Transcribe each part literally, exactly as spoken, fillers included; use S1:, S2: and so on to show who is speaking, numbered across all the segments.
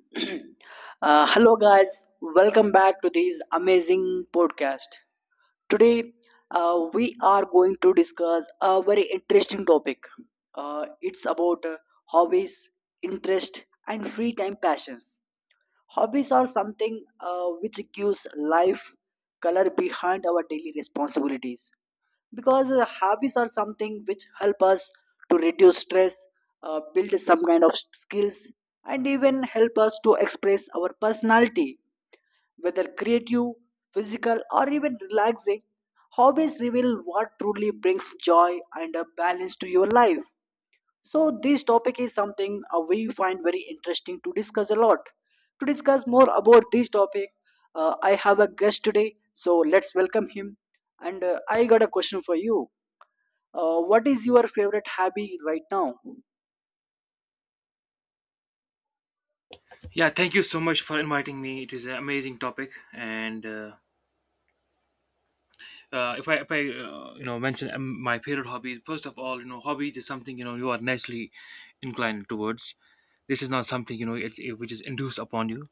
S1: Uh, hello, guys. Welcome back to this amazing podcast. Today, uh, we are going to discuss a very interesting topic. Uh, it's about uh, hobbies, interest, and free time passions. Hobbies are something uh, which gives life color behind our daily responsibilities, because uh, hobbies are something which help us to reduce stress, uh, build some kind of skills, and even help us to express our personality, whether creative, physical, or even relaxing. Hobbies reveal what truly brings joy and a balance to your life. So this topic is something uh, we find very interesting to discuss a lot. To discuss more about this topic, uh, I have a guest today, so let's welcome him. And uh, I got a question for you. Uh, what is your favorite hobby right now?
S2: Yeah, thank you so much for inviting me. It is an amazing topic, and uh, uh, if I, if I uh, you know mention um, my favorite hobbies. First of all, you know, hobbies is something you know you are naturally inclined towards. This is not something you know it, it- which is induced upon you.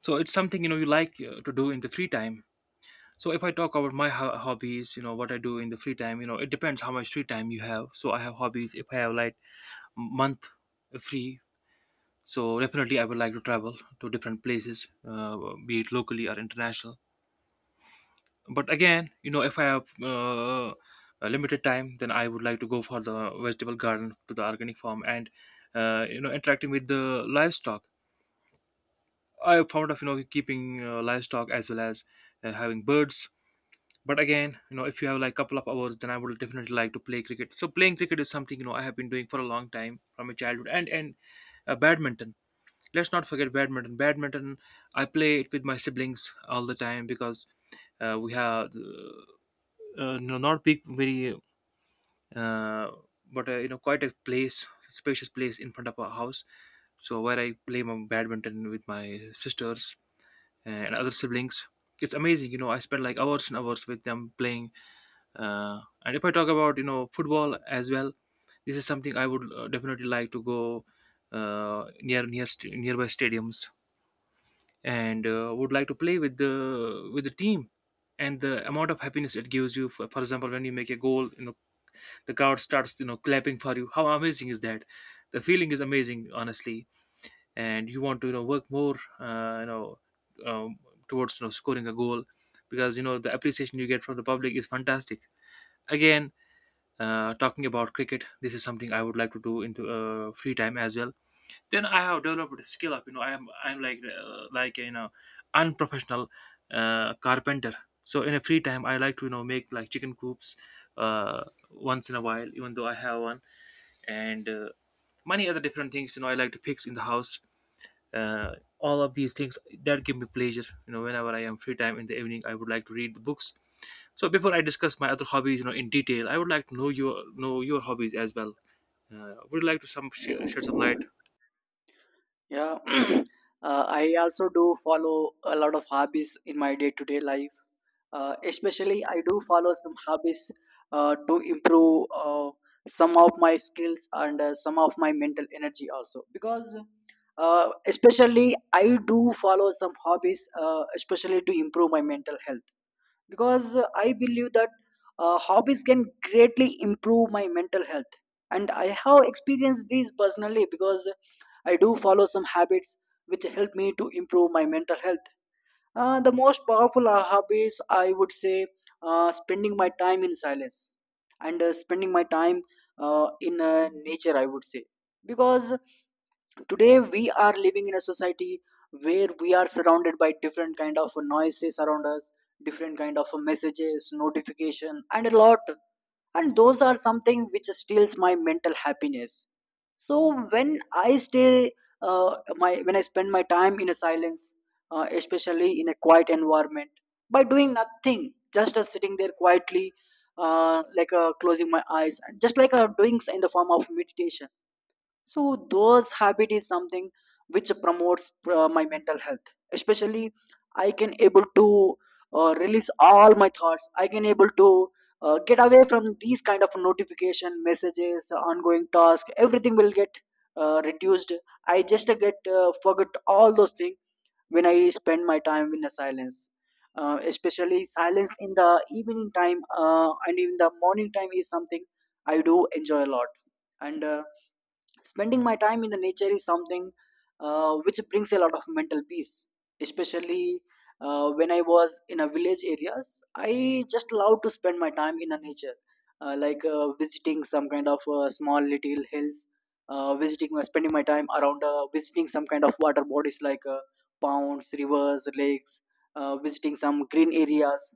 S2: So it's something you know you like uh, to do in the free time. So if I talk about my ho- hobbies, you know what I do in the free time, you know it depends how much free time you have. So I have hobbies. If I have like month free, so definitely I would like to travel to different places, uh, be it locally or international. But again, you know if I have uh, a limited time, then I would like to go for the vegetable garden, to the organic farm, and uh, you know interacting with the livestock. I have found of you know keeping uh, livestock as well as uh, having birds. But again, you know if you have like couple of hours, then I would definitely like to play cricket. So playing cricket is something you know I have been doing for a long time from my childhood. And and uh, badminton. Let's not forget badminton. Badminton, I play it with my siblings all the time because uh, we have uh, uh, you know, not big, very, uh, but uh, you know, quite a place, spacious place in front of our house. So where I play my badminton with my sisters and other siblings. It's amazing, you know. I spend like hours and hours with them playing. Uh, and if I talk about you know football as well, this is something I would uh, definitely like to go uh, near near st- nearby stadiums, and uh, would like to play with the with the team. And the amount of happiness it gives you, for, for example, when you make a goal, you know the crowd starts you know clapping for you. How amazing is that? The feeling is amazing, honestly, and you want to you know work more, uh, you know um, towards you know scoring a goal, because you know the appreciation you get from the public is fantastic. Again, uh, talking about cricket, this is something I would like to do into uh, free time as well. Then I have developed a skill up. you know i'm i'm like uh, like you know unprofessional uh, carpenter. So in a free time, I like to you know make like chicken coops, uh, once in a while, even though I have one. And uh, many other different things you know I like to fix in the house. uh, all of these things that give me pleasure. You know whenever I am free time in the evening, I would like to read the books. So before I discuss my other hobbies, you know in detail, I would like to know your know your hobbies as well. Uh, would you like to some sh- shed some light?
S1: Yeah. uh, I also do follow a lot of hobbies in my day-to-day life. Uh, especially I do follow some hobbies uh, to improve uh, some of my skills and uh, some of my mental energy also, because uh, especially I do follow some hobbies uh, especially to improve my mental health, because uh, I believe that uh, hobbies can greatly improve my mental health. And I have experienced these personally, because I do follow some habits which help me to improve my mental health. Uh, the most powerful uh, hobbies, I would say, uh, spending my time in silence and uh, spending my time uh, in uh, nature, I would say. Because today we are living in a society where we are surrounded by different kind of noises around us, different kind of messages, notification, and a lot, and those are something which steals my mental happiness. So when I stay, uh, my, when I spend my time in a silence, uh, especially in a quiet environment, by doing nothing, just as sitting there quietly, uh, like uh, closing my eyes and just like uh, doing in the form of meditation. So those habit is something which promotes uh, my mental health. Especially I can able to uh, release all my thoughts, I can able to uh, get away from these kind of notification, messages, ongoing task, everything will get uh, reduced. I just uh, get uh, forget all those things when I spend my time in the silence. Uh, especially silence in the evening time uh, and in the morning time is something I do enjoy a lot. And uh, spending my time in the nature is something uh, which brings a lot of mental peace, especially uh, when I was in a village areas. I just love to spend my time in the nature, uh, like uh, visiting some kind of uh, small little hills, uh, visiting, uh, spending my time around, uh, visiting some kind of water bodies like uh, ponds, rivers, lakes, uh, visiting some green areas.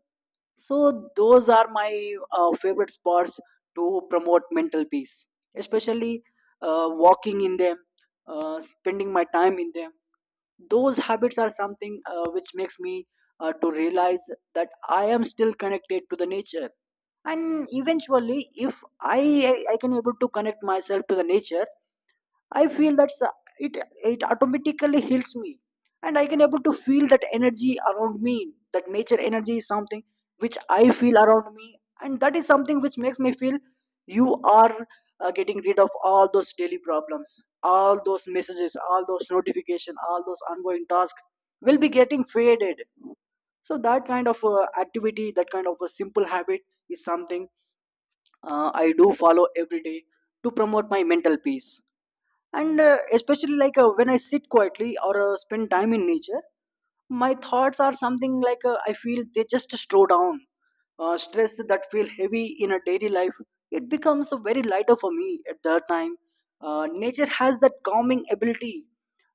S1: So those are my uh, favorite spots to promote mental peace, especially uh, walking in them, uh, spending my time in them. Those habits are something uh, which makes me uh, to realize that I am still connected to the nature. And eventually, if I I can able to connect myself to the nature, I feel that s- it, it automatically heals me, and I can able to feel that energy around me. That nature energy is something which I feel around me, and that is something which makes me feel you are uh, getting rid of all those daily problems, all those messages, all those notification, all those ongoing tasks will be getting faded. So that kind of uh, activity, that kind of a simple habit is something uh, I do follow every day to promote my mental peace. And uh, especially like uh, when I sit quietly or uh, spend time in nature, my thoughts are something like uh, I feel they just slow down. Uh, stress that feel heavy in a daily life, it becomes very lighter for me at that time. Uh, nature has that calming ability.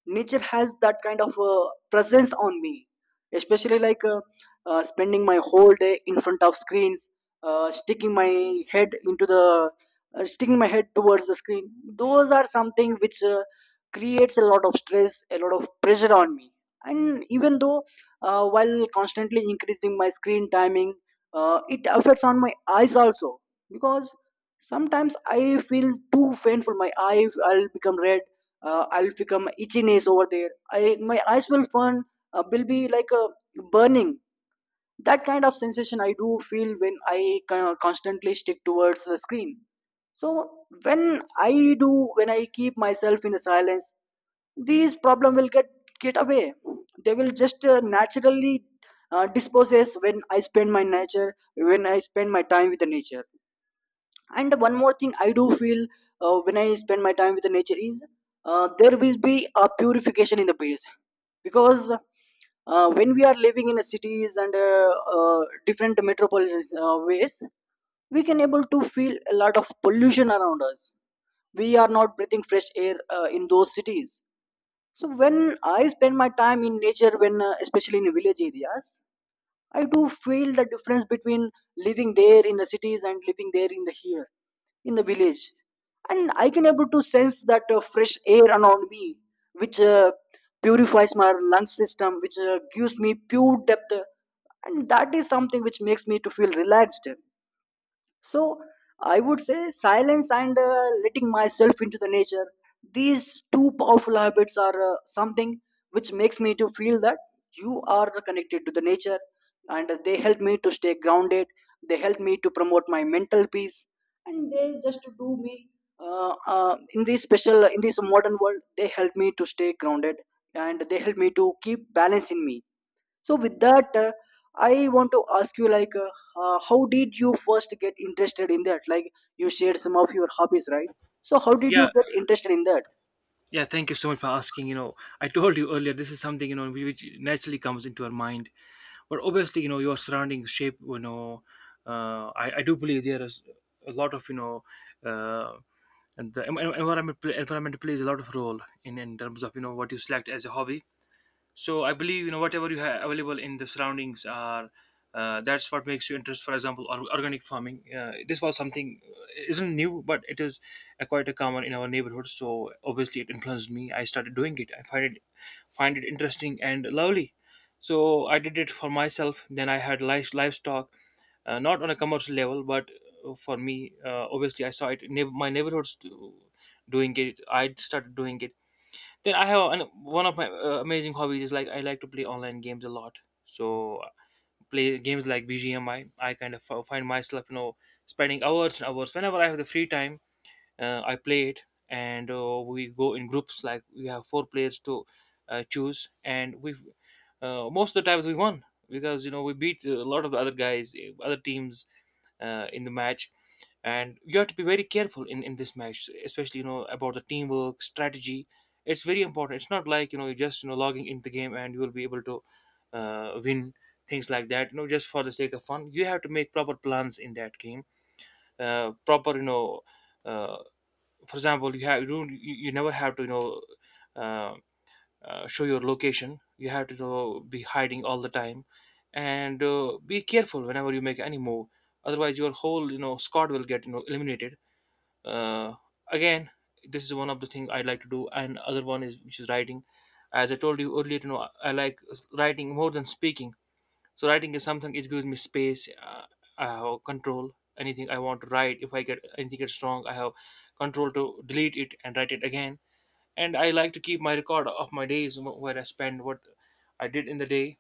S1: Nature has that kind of uh, presence on me, especially like uh, uh, spending my whole day in front of screens, uh, sticking my head into the uh, sticking my head towards the screen. Those are something which uh, creates a lot of stress, a lot of pressure on me. And even though, uh, while constantly increasing my screen timing, uh, it affects on my eyes also, because sometimes I feel too painful, my eye I'll become red, uh, I'll become itchiness over there, I my eyes will fun, uh, will be like a burning, that kind of sensation I do feel when I co- constantly stick towards the screen. So when I do, when I keep myself in a silence, these problem will get get away. They will just uh, naturally uh, disposes when I spend my nature, when I spend my time with the nature. And one more thing I do feel uh, when I spend my time with the nature is uh, there will be a purification in the breath. Because uh, when we are living in the cities and uh, uh, different metropolitan uh, ways, we can able to feel a lot of pollution around us. We are not breathing fresh air uh, in those cities. So when I spend my time in nature, when uh, especially in village areas, I do feel the difference between living there in the cities and living there in the here, in the village, and I can able to sense that uh, fresh air around me, which uh, purifies my lung system, which uh, gives me pure depth, and that is something which makes me to feel relaxed. So I would say silence and uh, letting myself into the nature. These two powerful habits are uh, something which makes me to feel that you are connected to the nature, and they help me to stay grounded. They help me to promote my mental peace, and they just do me uh, uh, in this special, in this modern world. They help me to stay grounded, and they help me to keep balance in me. So with that, uh, I want to ask you like, uh, uh, how did you first get interested in that? Like, you shared some of your hobbies, right? So how did you
S2: Yeah,
S1: get interested in that?
S2: yeah, thank you so much for asking. you know I told you earlier, this is something you know which which naturally comes into our mind. But obviously, you know your surroundings shape you know uh, I, I do believe there is a lot of you know uh, and the en- en- environment pl- environment plays a lot of role in in terms of you know what you select as a hobby. So I believe, you know whatever you have available in the surroundings are uh, that's what makes you interest. For example, or- organic farming, uh, this was something uh, isn't new, but it is a quite a common in our neighborhood. So obviously it influenced me. I started doing it. I find it, find it interesting and lovely. So I did it for myself. Then I had live, livestock, uh, not on a commercial level, but uh, for me. Uh, obviously, I saw it in neigh- my neighborhoods do- doing it. I started doing it. Then I have an, one of my uh, amazing hobbies is like I like to play online games a lot. So play games like B G M I. I I kind of f- find myself, you know, spending hours and hours whenever I have the free time. uh, I play it, and uh, we go in groups. Like we have four players to uh, choose, and we, uh, most of the times we won because you know we beat a lot of the other guys, uh, other teams, uh, in the match. And you have to be very careful in in this match, especially you know about the teamwork, strategy. It's very important. It's not like you know you are just you know logging into the game and you will be able to uh, win things like that. You know, just for the sake of fun, you have to make proper plans in that game. Uh, proper, you know, uh, for example, you have you don't, you you never have to you know uh, uh, show your location. You have to, you know, be hiding all the time and uh, be careful whenever you make any move. Otherwise your whole, you know squad will get, you know eliminated. uh, Again, this is one of the things I like to do, and other one is, which is writing. As I told you earlier, you know I like writing more than speaking. So writing is something it gives me space. Uh, I have control. Anything I want to write, if I get anything gets wrong, I have control to delete it and write it again. And I like to keep my record of my days wh- where I spend what I did in the day.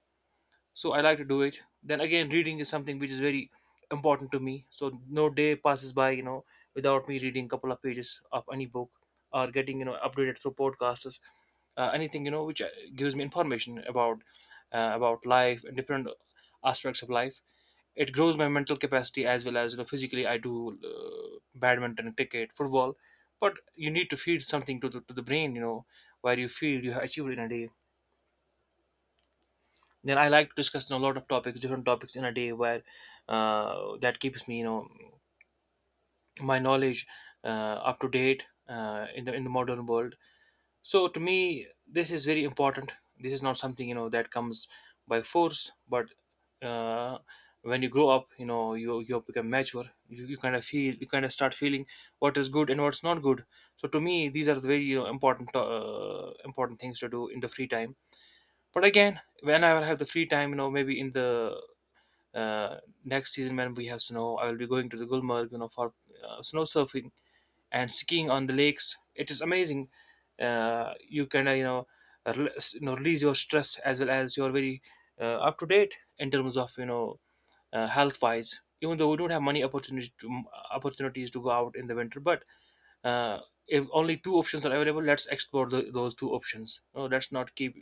S2: So I like to do it. Then again, reading is something which is very important to me. So no day passes by, you know without me reading a couple of pages of any book or getting, you know updated through podcasters. Uh, anything, you know which uh, gives me information about uh, about life and different aspects of life. It grows my mental capacity as well as, you know physically I do uh, badminton, cricket, football. But you need to feed something to the, to the brain, you know where you feel you have achieved in a day. Then I like to discuss, you know, a lot of topics, different topics in a day, where uh, that keeps me, you know, my knowledge uh, up to date uh, in the in the modern world. So to me, this is very important. This is not something you know that comes by force, but uh, when you grow up, you know, you you become mature. You, you kind of feel, you kind of start feeling what is good and what's not good. So to me, these are the very you know, important uh, important things to do in the free time. But again, whenever I have the free time, you know, maybe in the uh, next season when we have snow, I will be going to the Gulmarg, you know for uh, snow surfing and skiing on the lakes. It is amazing. Uh, you can uh, you know rel- you know release your stress, as well as you're very uh, up to date in terms of, you know uh, health wise. Even though we don't have many opportunities to, opportunities to go out in the winter, but uh, if only two options are available, let's explore tho- those two options. No, let's not keep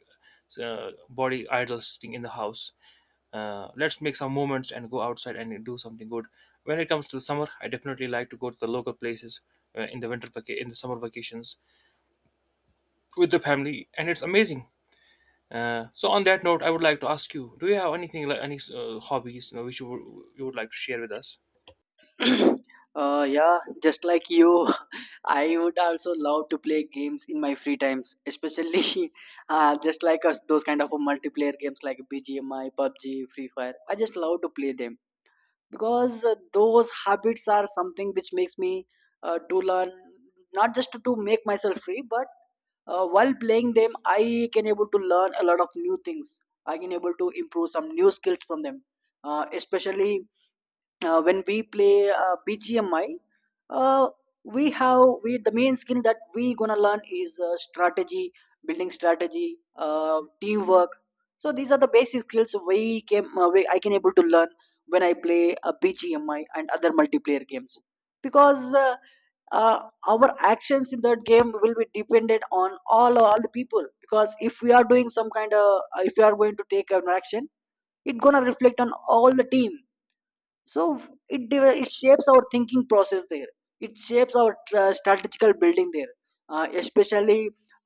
S2: uh, body idle sitting in the house. Uh, let's make some moments and go outside and do something good. When it comes to summer, I definitely like to go to the local places, uh, in the winter vaca- in the summer vacations with the family. And it's amazing. Uh, so on that note, I would like to ask you, do you have anything, like any uh, hobbies, you know, which you would, you would like to share with us?
S1: uh, Yeah, just like you, I would also love to play games in my free times, especially uh, just like us, those kind of multiplayer games like B G M I, PUBG, Free Fire. I just love to play them because uh, those habits are something which makes me uh, to learn, not just to, to make myself free, but uh, while playing them I can able to learn a lot of new things. I can able to improve some new skills from them. Uh, especially uh, when we play uh, B G M I, uh, we have we the main skill that we gonna learn is uh, strategy, building strategy, uh, teamwork. So these are the basic skills we came uh, we, I can able to learn when I play uh, B G M I and other multiplayer games, because. Uh, uh, our actions in that game will be dependent on all all the people, because if we are doing some kind of, if we are going to take an action, it gonna reflect on all the team. So it deve- it shapes our thinking process there, it shapes our uh, strategical building there. Uh, especially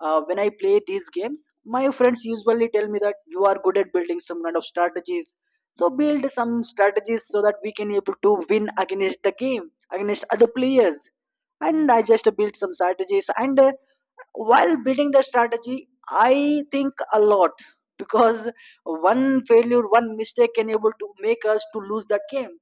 S1: uh, when I play these games, my friends usually tell me that you are good at building some kind of strategies, so build some strategies so that we can able to win against the game, against other players. And I just built some strategies, and uh, while building the strategy I think a lot, because one failure, one mistake can able to make us to lose that game.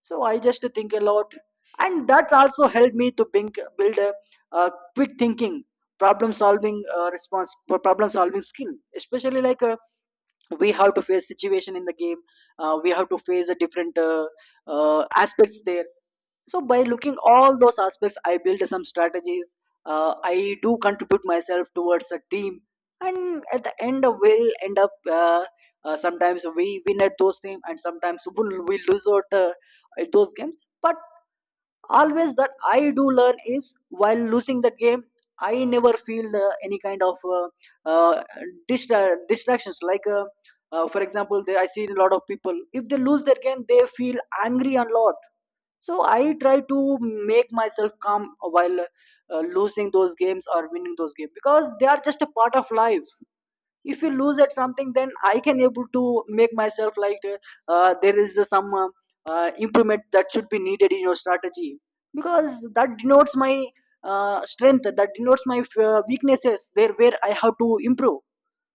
S1: So I just think a lot, and that also helped me to think, build a, a quick thinking, problem solving uh, response, problem solving skill. Especially like uh, we have to face situation in the game, uh, we have to face a different uh, uh, aspects there. So by looking all those aspects, I build some strategies, uh, I do contribute myself towards a team, and at the end uh, we'll end up, uh, uh, sometimes we win at those teams, and sometimes we'll, we lose out uh, at those games. But always that I do learn is while losing that game, I never feel uh, any kind of uh, uh, distra- distractions. Like uh, uh, for example, they, I see a lot of people, if they lose their game they feel angry a lot. So I try to make myself calm while uh, losing those games or winning those games, because they are just a part of life. If you lose at something, then I can able to make myself like uh, there is some uh, uh, improvement that should be needed In your strategy, because that denotes my uh, strength, that denotes my uh, weaknesses there where I have to improve.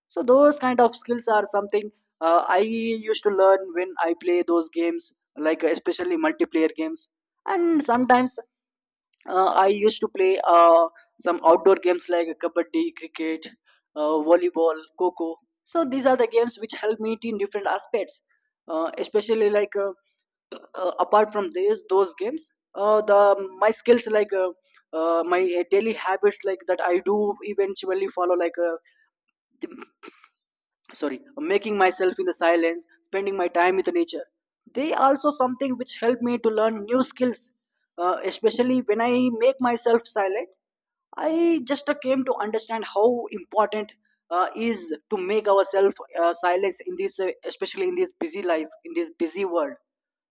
S1: So those kind of skills are something uh, I used to learn when I play those games, like uh, especially multiplayer games. And sometimes uh, I used to play uh, some outdoor games like kabaddi, cricket, uh, volleyball, coco. So these are the games which help me in different aspects. Uh, especially like uh, uh, Apart from these those games, uh, the my skills like uh, uh, my daily habits like that I do eventually follow, like uh, sorry, making myself in the silence, spending my time with nature. They also something which help me to learn new skills. Uh, especially when I make myself silent, I just uh, came to understand how important uh, is to make ourselves uh, silence in this, uh, especially in this busy life, in this busy world.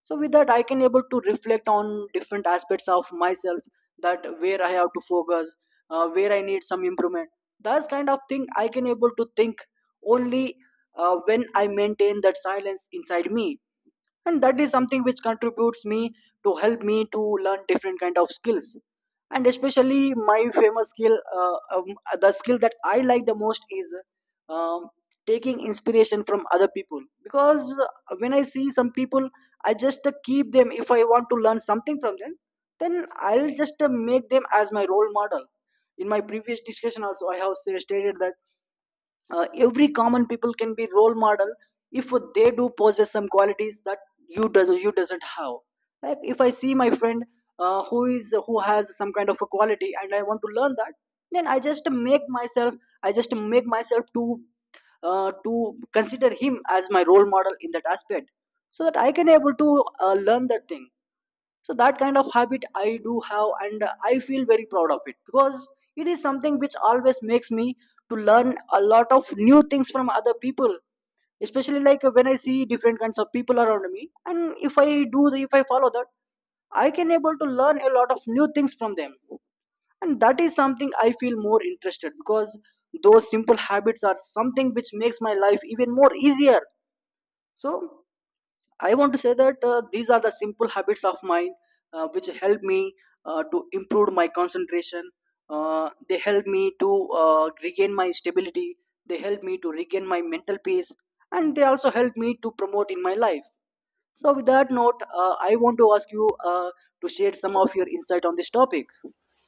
S1: So with that, I can able to reflect on different aspects of myself, that where I have to focus, uh, where I need some improvement. That's kind of thing I can able to think only uh, when I maintain that silence inside me, and that is something which contributes me to help me to learn different kind of skills. And especially my famous skill, uh, um, the skill that I like the most is um, taking inspiration from other people. Because uh, when I see some people, I just uh, keep them, if I want to learn something from them, then I'll just uh, make them as my role model. In my previous discussion also, I have say, stated that uh, every common people can be role model if they do possess some qualities that you does you doesn't have. Like if I see my friend uh, who is who has some kind of a quality and I want to learn that, then i just make myself I just make myself to uh, to consider him as my role model in that aspect, so that I can able to uh, learn that thing. So that kind of habit I do have, and I feel very proud of it, because it is something which always makes me to learn a lot of new things from other people. Especially like when I see different kinds of people around me, and if I do the, if I follow that, I can able to learn a lot of new things from them. And that is something I feel more interested, because those simple habits are something which makes my life even more easier. So I want to say that uh, these are the simple habits of mine, uh, which help me uh, to improve my concentration. Uh, they help me to uh, regain my stability. They help me to regain my mental peace. And they also help me to promote in my life. So, with that note, uh, I want to ask you uh, to share some of your insight on this topic.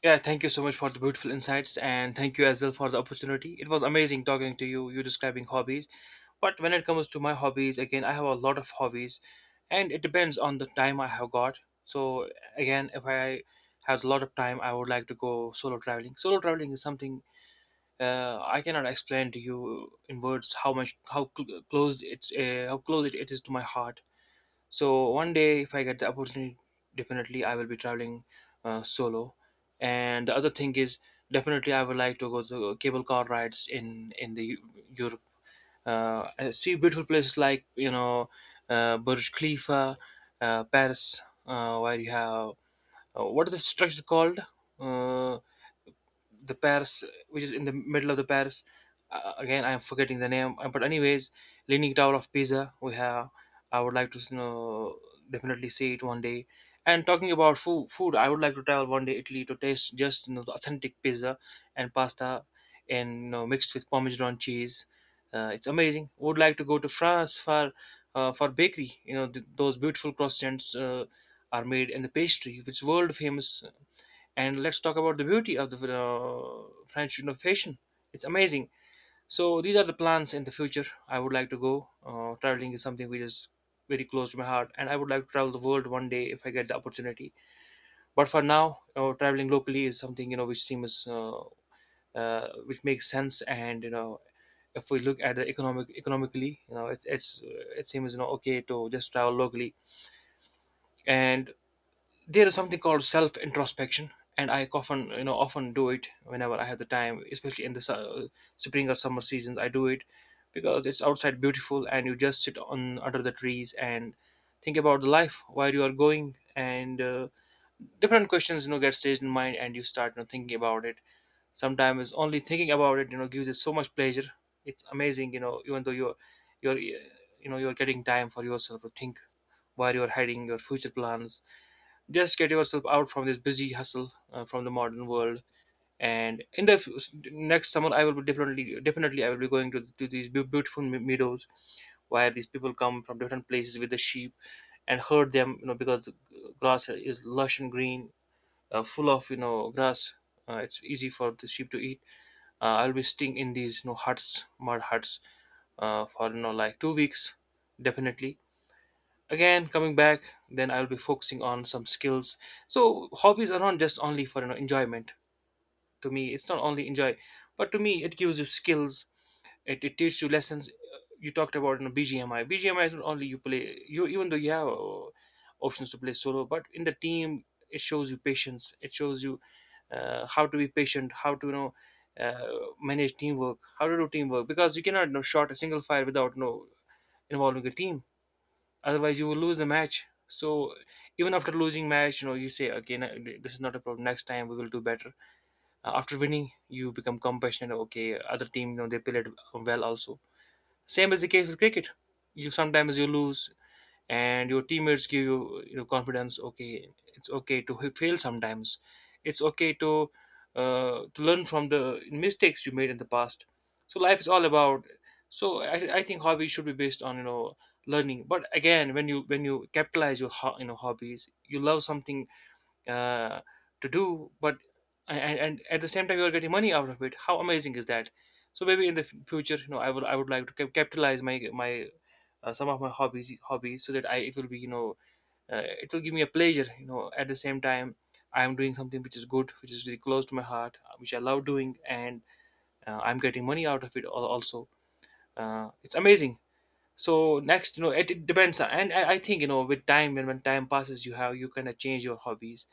S2: Yeah, thank you so much for the beautiful insights, and thank you as well for the opportunity. It was amazing talking to you, you describing hobbies. But when it comes to my hobbies, again, I have a lot of hobbies, and it depends on the time I have got. So, again, if I have a lot of time, I would like to go solo traveling. Solo traveling is something uh, I cannot explain to you in words how much, how cl- close it's, uh, how close it, it is to my heart. So one day, if I get the opportunity, definitely I will be traveling uh, solo. And the other thing is, definitely I would like to go to cable car rides in in the Eu- Europe. Uh, I see beautiful places like you know uh, Burj Khalifa, uh, Paris, uh, where you have uh, what is the structure called? Uh, the Paris, which is in the middle of the Paris. Uh, again, I am forgetting the name. Uh, but anyways, Leaning Tower of Pisa, we have. I would like to you know definitely see it one day. And talking about food, food, I would like to travel one day Italy to taste just you know the authentic pizza and pasta, and you know, mixed with Parmesan cheese. Uh, it's amazing. Would like to go to France for uh, for bakery. You know th- those beautiful croissants uh, are made in the pastry, which is world famous. And let's talk about the beauty of the uh, French, you know, fashion. It's amazing. So these are the plans in the future I would like to go. Uh, traveling is something which is very close to my heart, and I would like to travel the world one day if I get the opportunity. But for now, uh, traveling locally is something you know which seems uh, uh, which makes sense. And you know if we look at the economic economically, you know it's it's uh, it seems you know okay to just travel locally. And there is something called self introspection, and I often, you know often, do it whenever I have the time, especially in the su- spring or summer seasons. I do it because it's outside beautiful, and you just sit on under the trees and think about the life, where you are going, and uh, different questions you know get staged in mind, and you start, you know, thinking about it. Sometimes only thinking about it you know gives us so much pleasure. It's amazing. You know, even though you're you're uh, you know you're getting time for yourself to think where you're heading, your future plans, just get yourself out from this busy hustle, uh, from the modern world. And in the f- next summer, I will be definitely, definitely, I will be going to, to these beau- beautiful me- meadows where these people come from different places with the sheep and herd them. You know, because the grass is lush and green, uh, full of you know grass. Uh, it's easy for the sheep to eat. Uh, I'll be staying in these you know huts, mud huts, uh, for you know like two weeks, definitely. Again coming back, then I'll be focusing on some skills. So hobbies are not just only for you know enjoyment. To me, it's not only enjoy, but to me it gives you skills. It, it teaches you lessons. Uh, you talked about, you know, bgmi bgmi is not only you play. You even though you have uh, options to play solo, but in the team it shows you patience, it shows you uh, how to be patient, how to you know uh, manage teamwork, how to do teamwork, because you cannot, you know, shot a single fire without, you know, involving a team. Otherwise you will lose the match. So even after losing match, you know you say, okay, no, this is not a problem, next time we will do better. Uh, after winning you become compassionate. Okay, other team, you know they played well also. Same as the case with cricket. You sometimes you lose, and your teammates give you, you know confidence. Okay, it's okay to h- fail sometimes. It's okay to uh, to learn from the mistakes you made in the past. So life is all about, so I, I think hobbies should be based on you know learning. But again, when you when you capitalize your ho- you know hobbies, you love something uh, to do, but and, and at the same time you are getting money out of it, how amazing is that. So maybe in the f- future, you know i would i would like to cap- capitalize my my uh, some of my hobbies hobbies, so that I, it will be, you know uh, it will give me a pleasure. You know, at the same time I am doing something which is good, which is really close to my heart, uh, which I love doing, and uh, I'm getting money out of it al- also. Uh, it's amazing. So next, you know it, it depends. And I, I think, you know with time, when when time passes, you have, you kind of change your hobbies,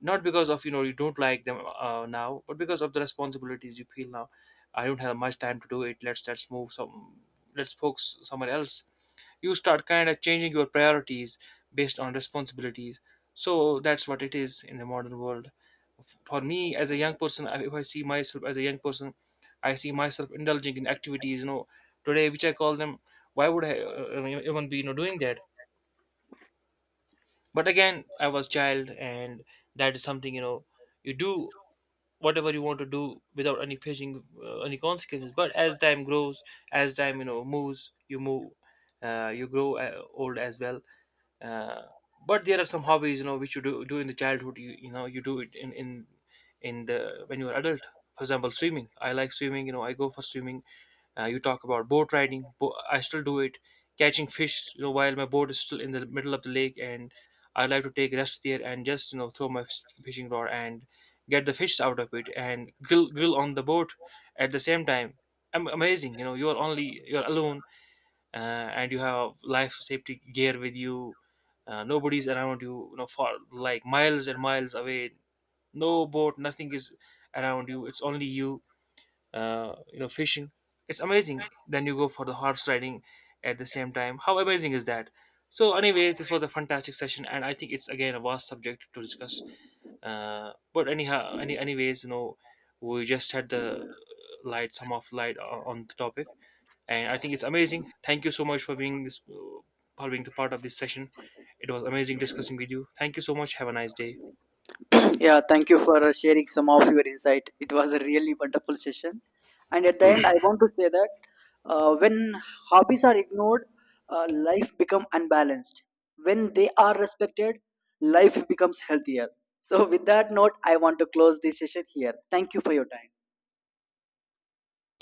S2: not because of, you know you don't like them uh, now, but because of the responsibilities you feel now. I don't have much time to do it. Let's let's move some, let's focus somewhere else. You start kind of changing your priorities based on responsibilities. So that's what it is in the modern world. F- for me as a young person, I- if I see myself as a young person, I see myself indulging in activities, you know today, which I call them, why would I uh, uh, even be, you know doing that. But again, I was child, and that is something, you know you do whatever you want to do without any facing uh, any consequences. But as time grows, as time, you know moves, you move, uh, you grow uh, old as well. uh, but there are some hobbies, you know which you do, do in the childhood, you you know you do it in in in the when you are adult. For example, swimming. I like swimming, you know I go for swimming. Uh, you talk about boat riding. Bo- I still do it. Catching fish, you know, while my boat is still in the middle of the lake, and I like to take rest there and just, you know throw my f- fishing rod and get the fish out of it and grill grill on the boat at the same time. Am- amazing, you know. You are only, you are alone, uh, and you have life safety gear with you. Uh, nobody's around you, you know, for like miles and miles away. No boat, nothing is around you. It's only you uh, you know fishing. It's amazing. Then you go for the horse riding at the same time, how amazing is that. So anyways, this was a fantastic session, and I think it's again a vast subject to discuss. Uh, but anyhow, any anyways, you know we just had the light, some of light o- on the topic, and I think it's amazing. Thank you so much for being this, for being the part of this session. It was amazing discussing with you. Thank you so much, have a nice day.
S1: Yeah, thank you for uh, sharing some of your insight. It was a really wonderful session. And at the end, I want to say that uh, when hobbies are ignored, uh, life become unbalanced. When they are respected, life becomes healthier. So, with that note, I want to close this session here. Thank you for your time.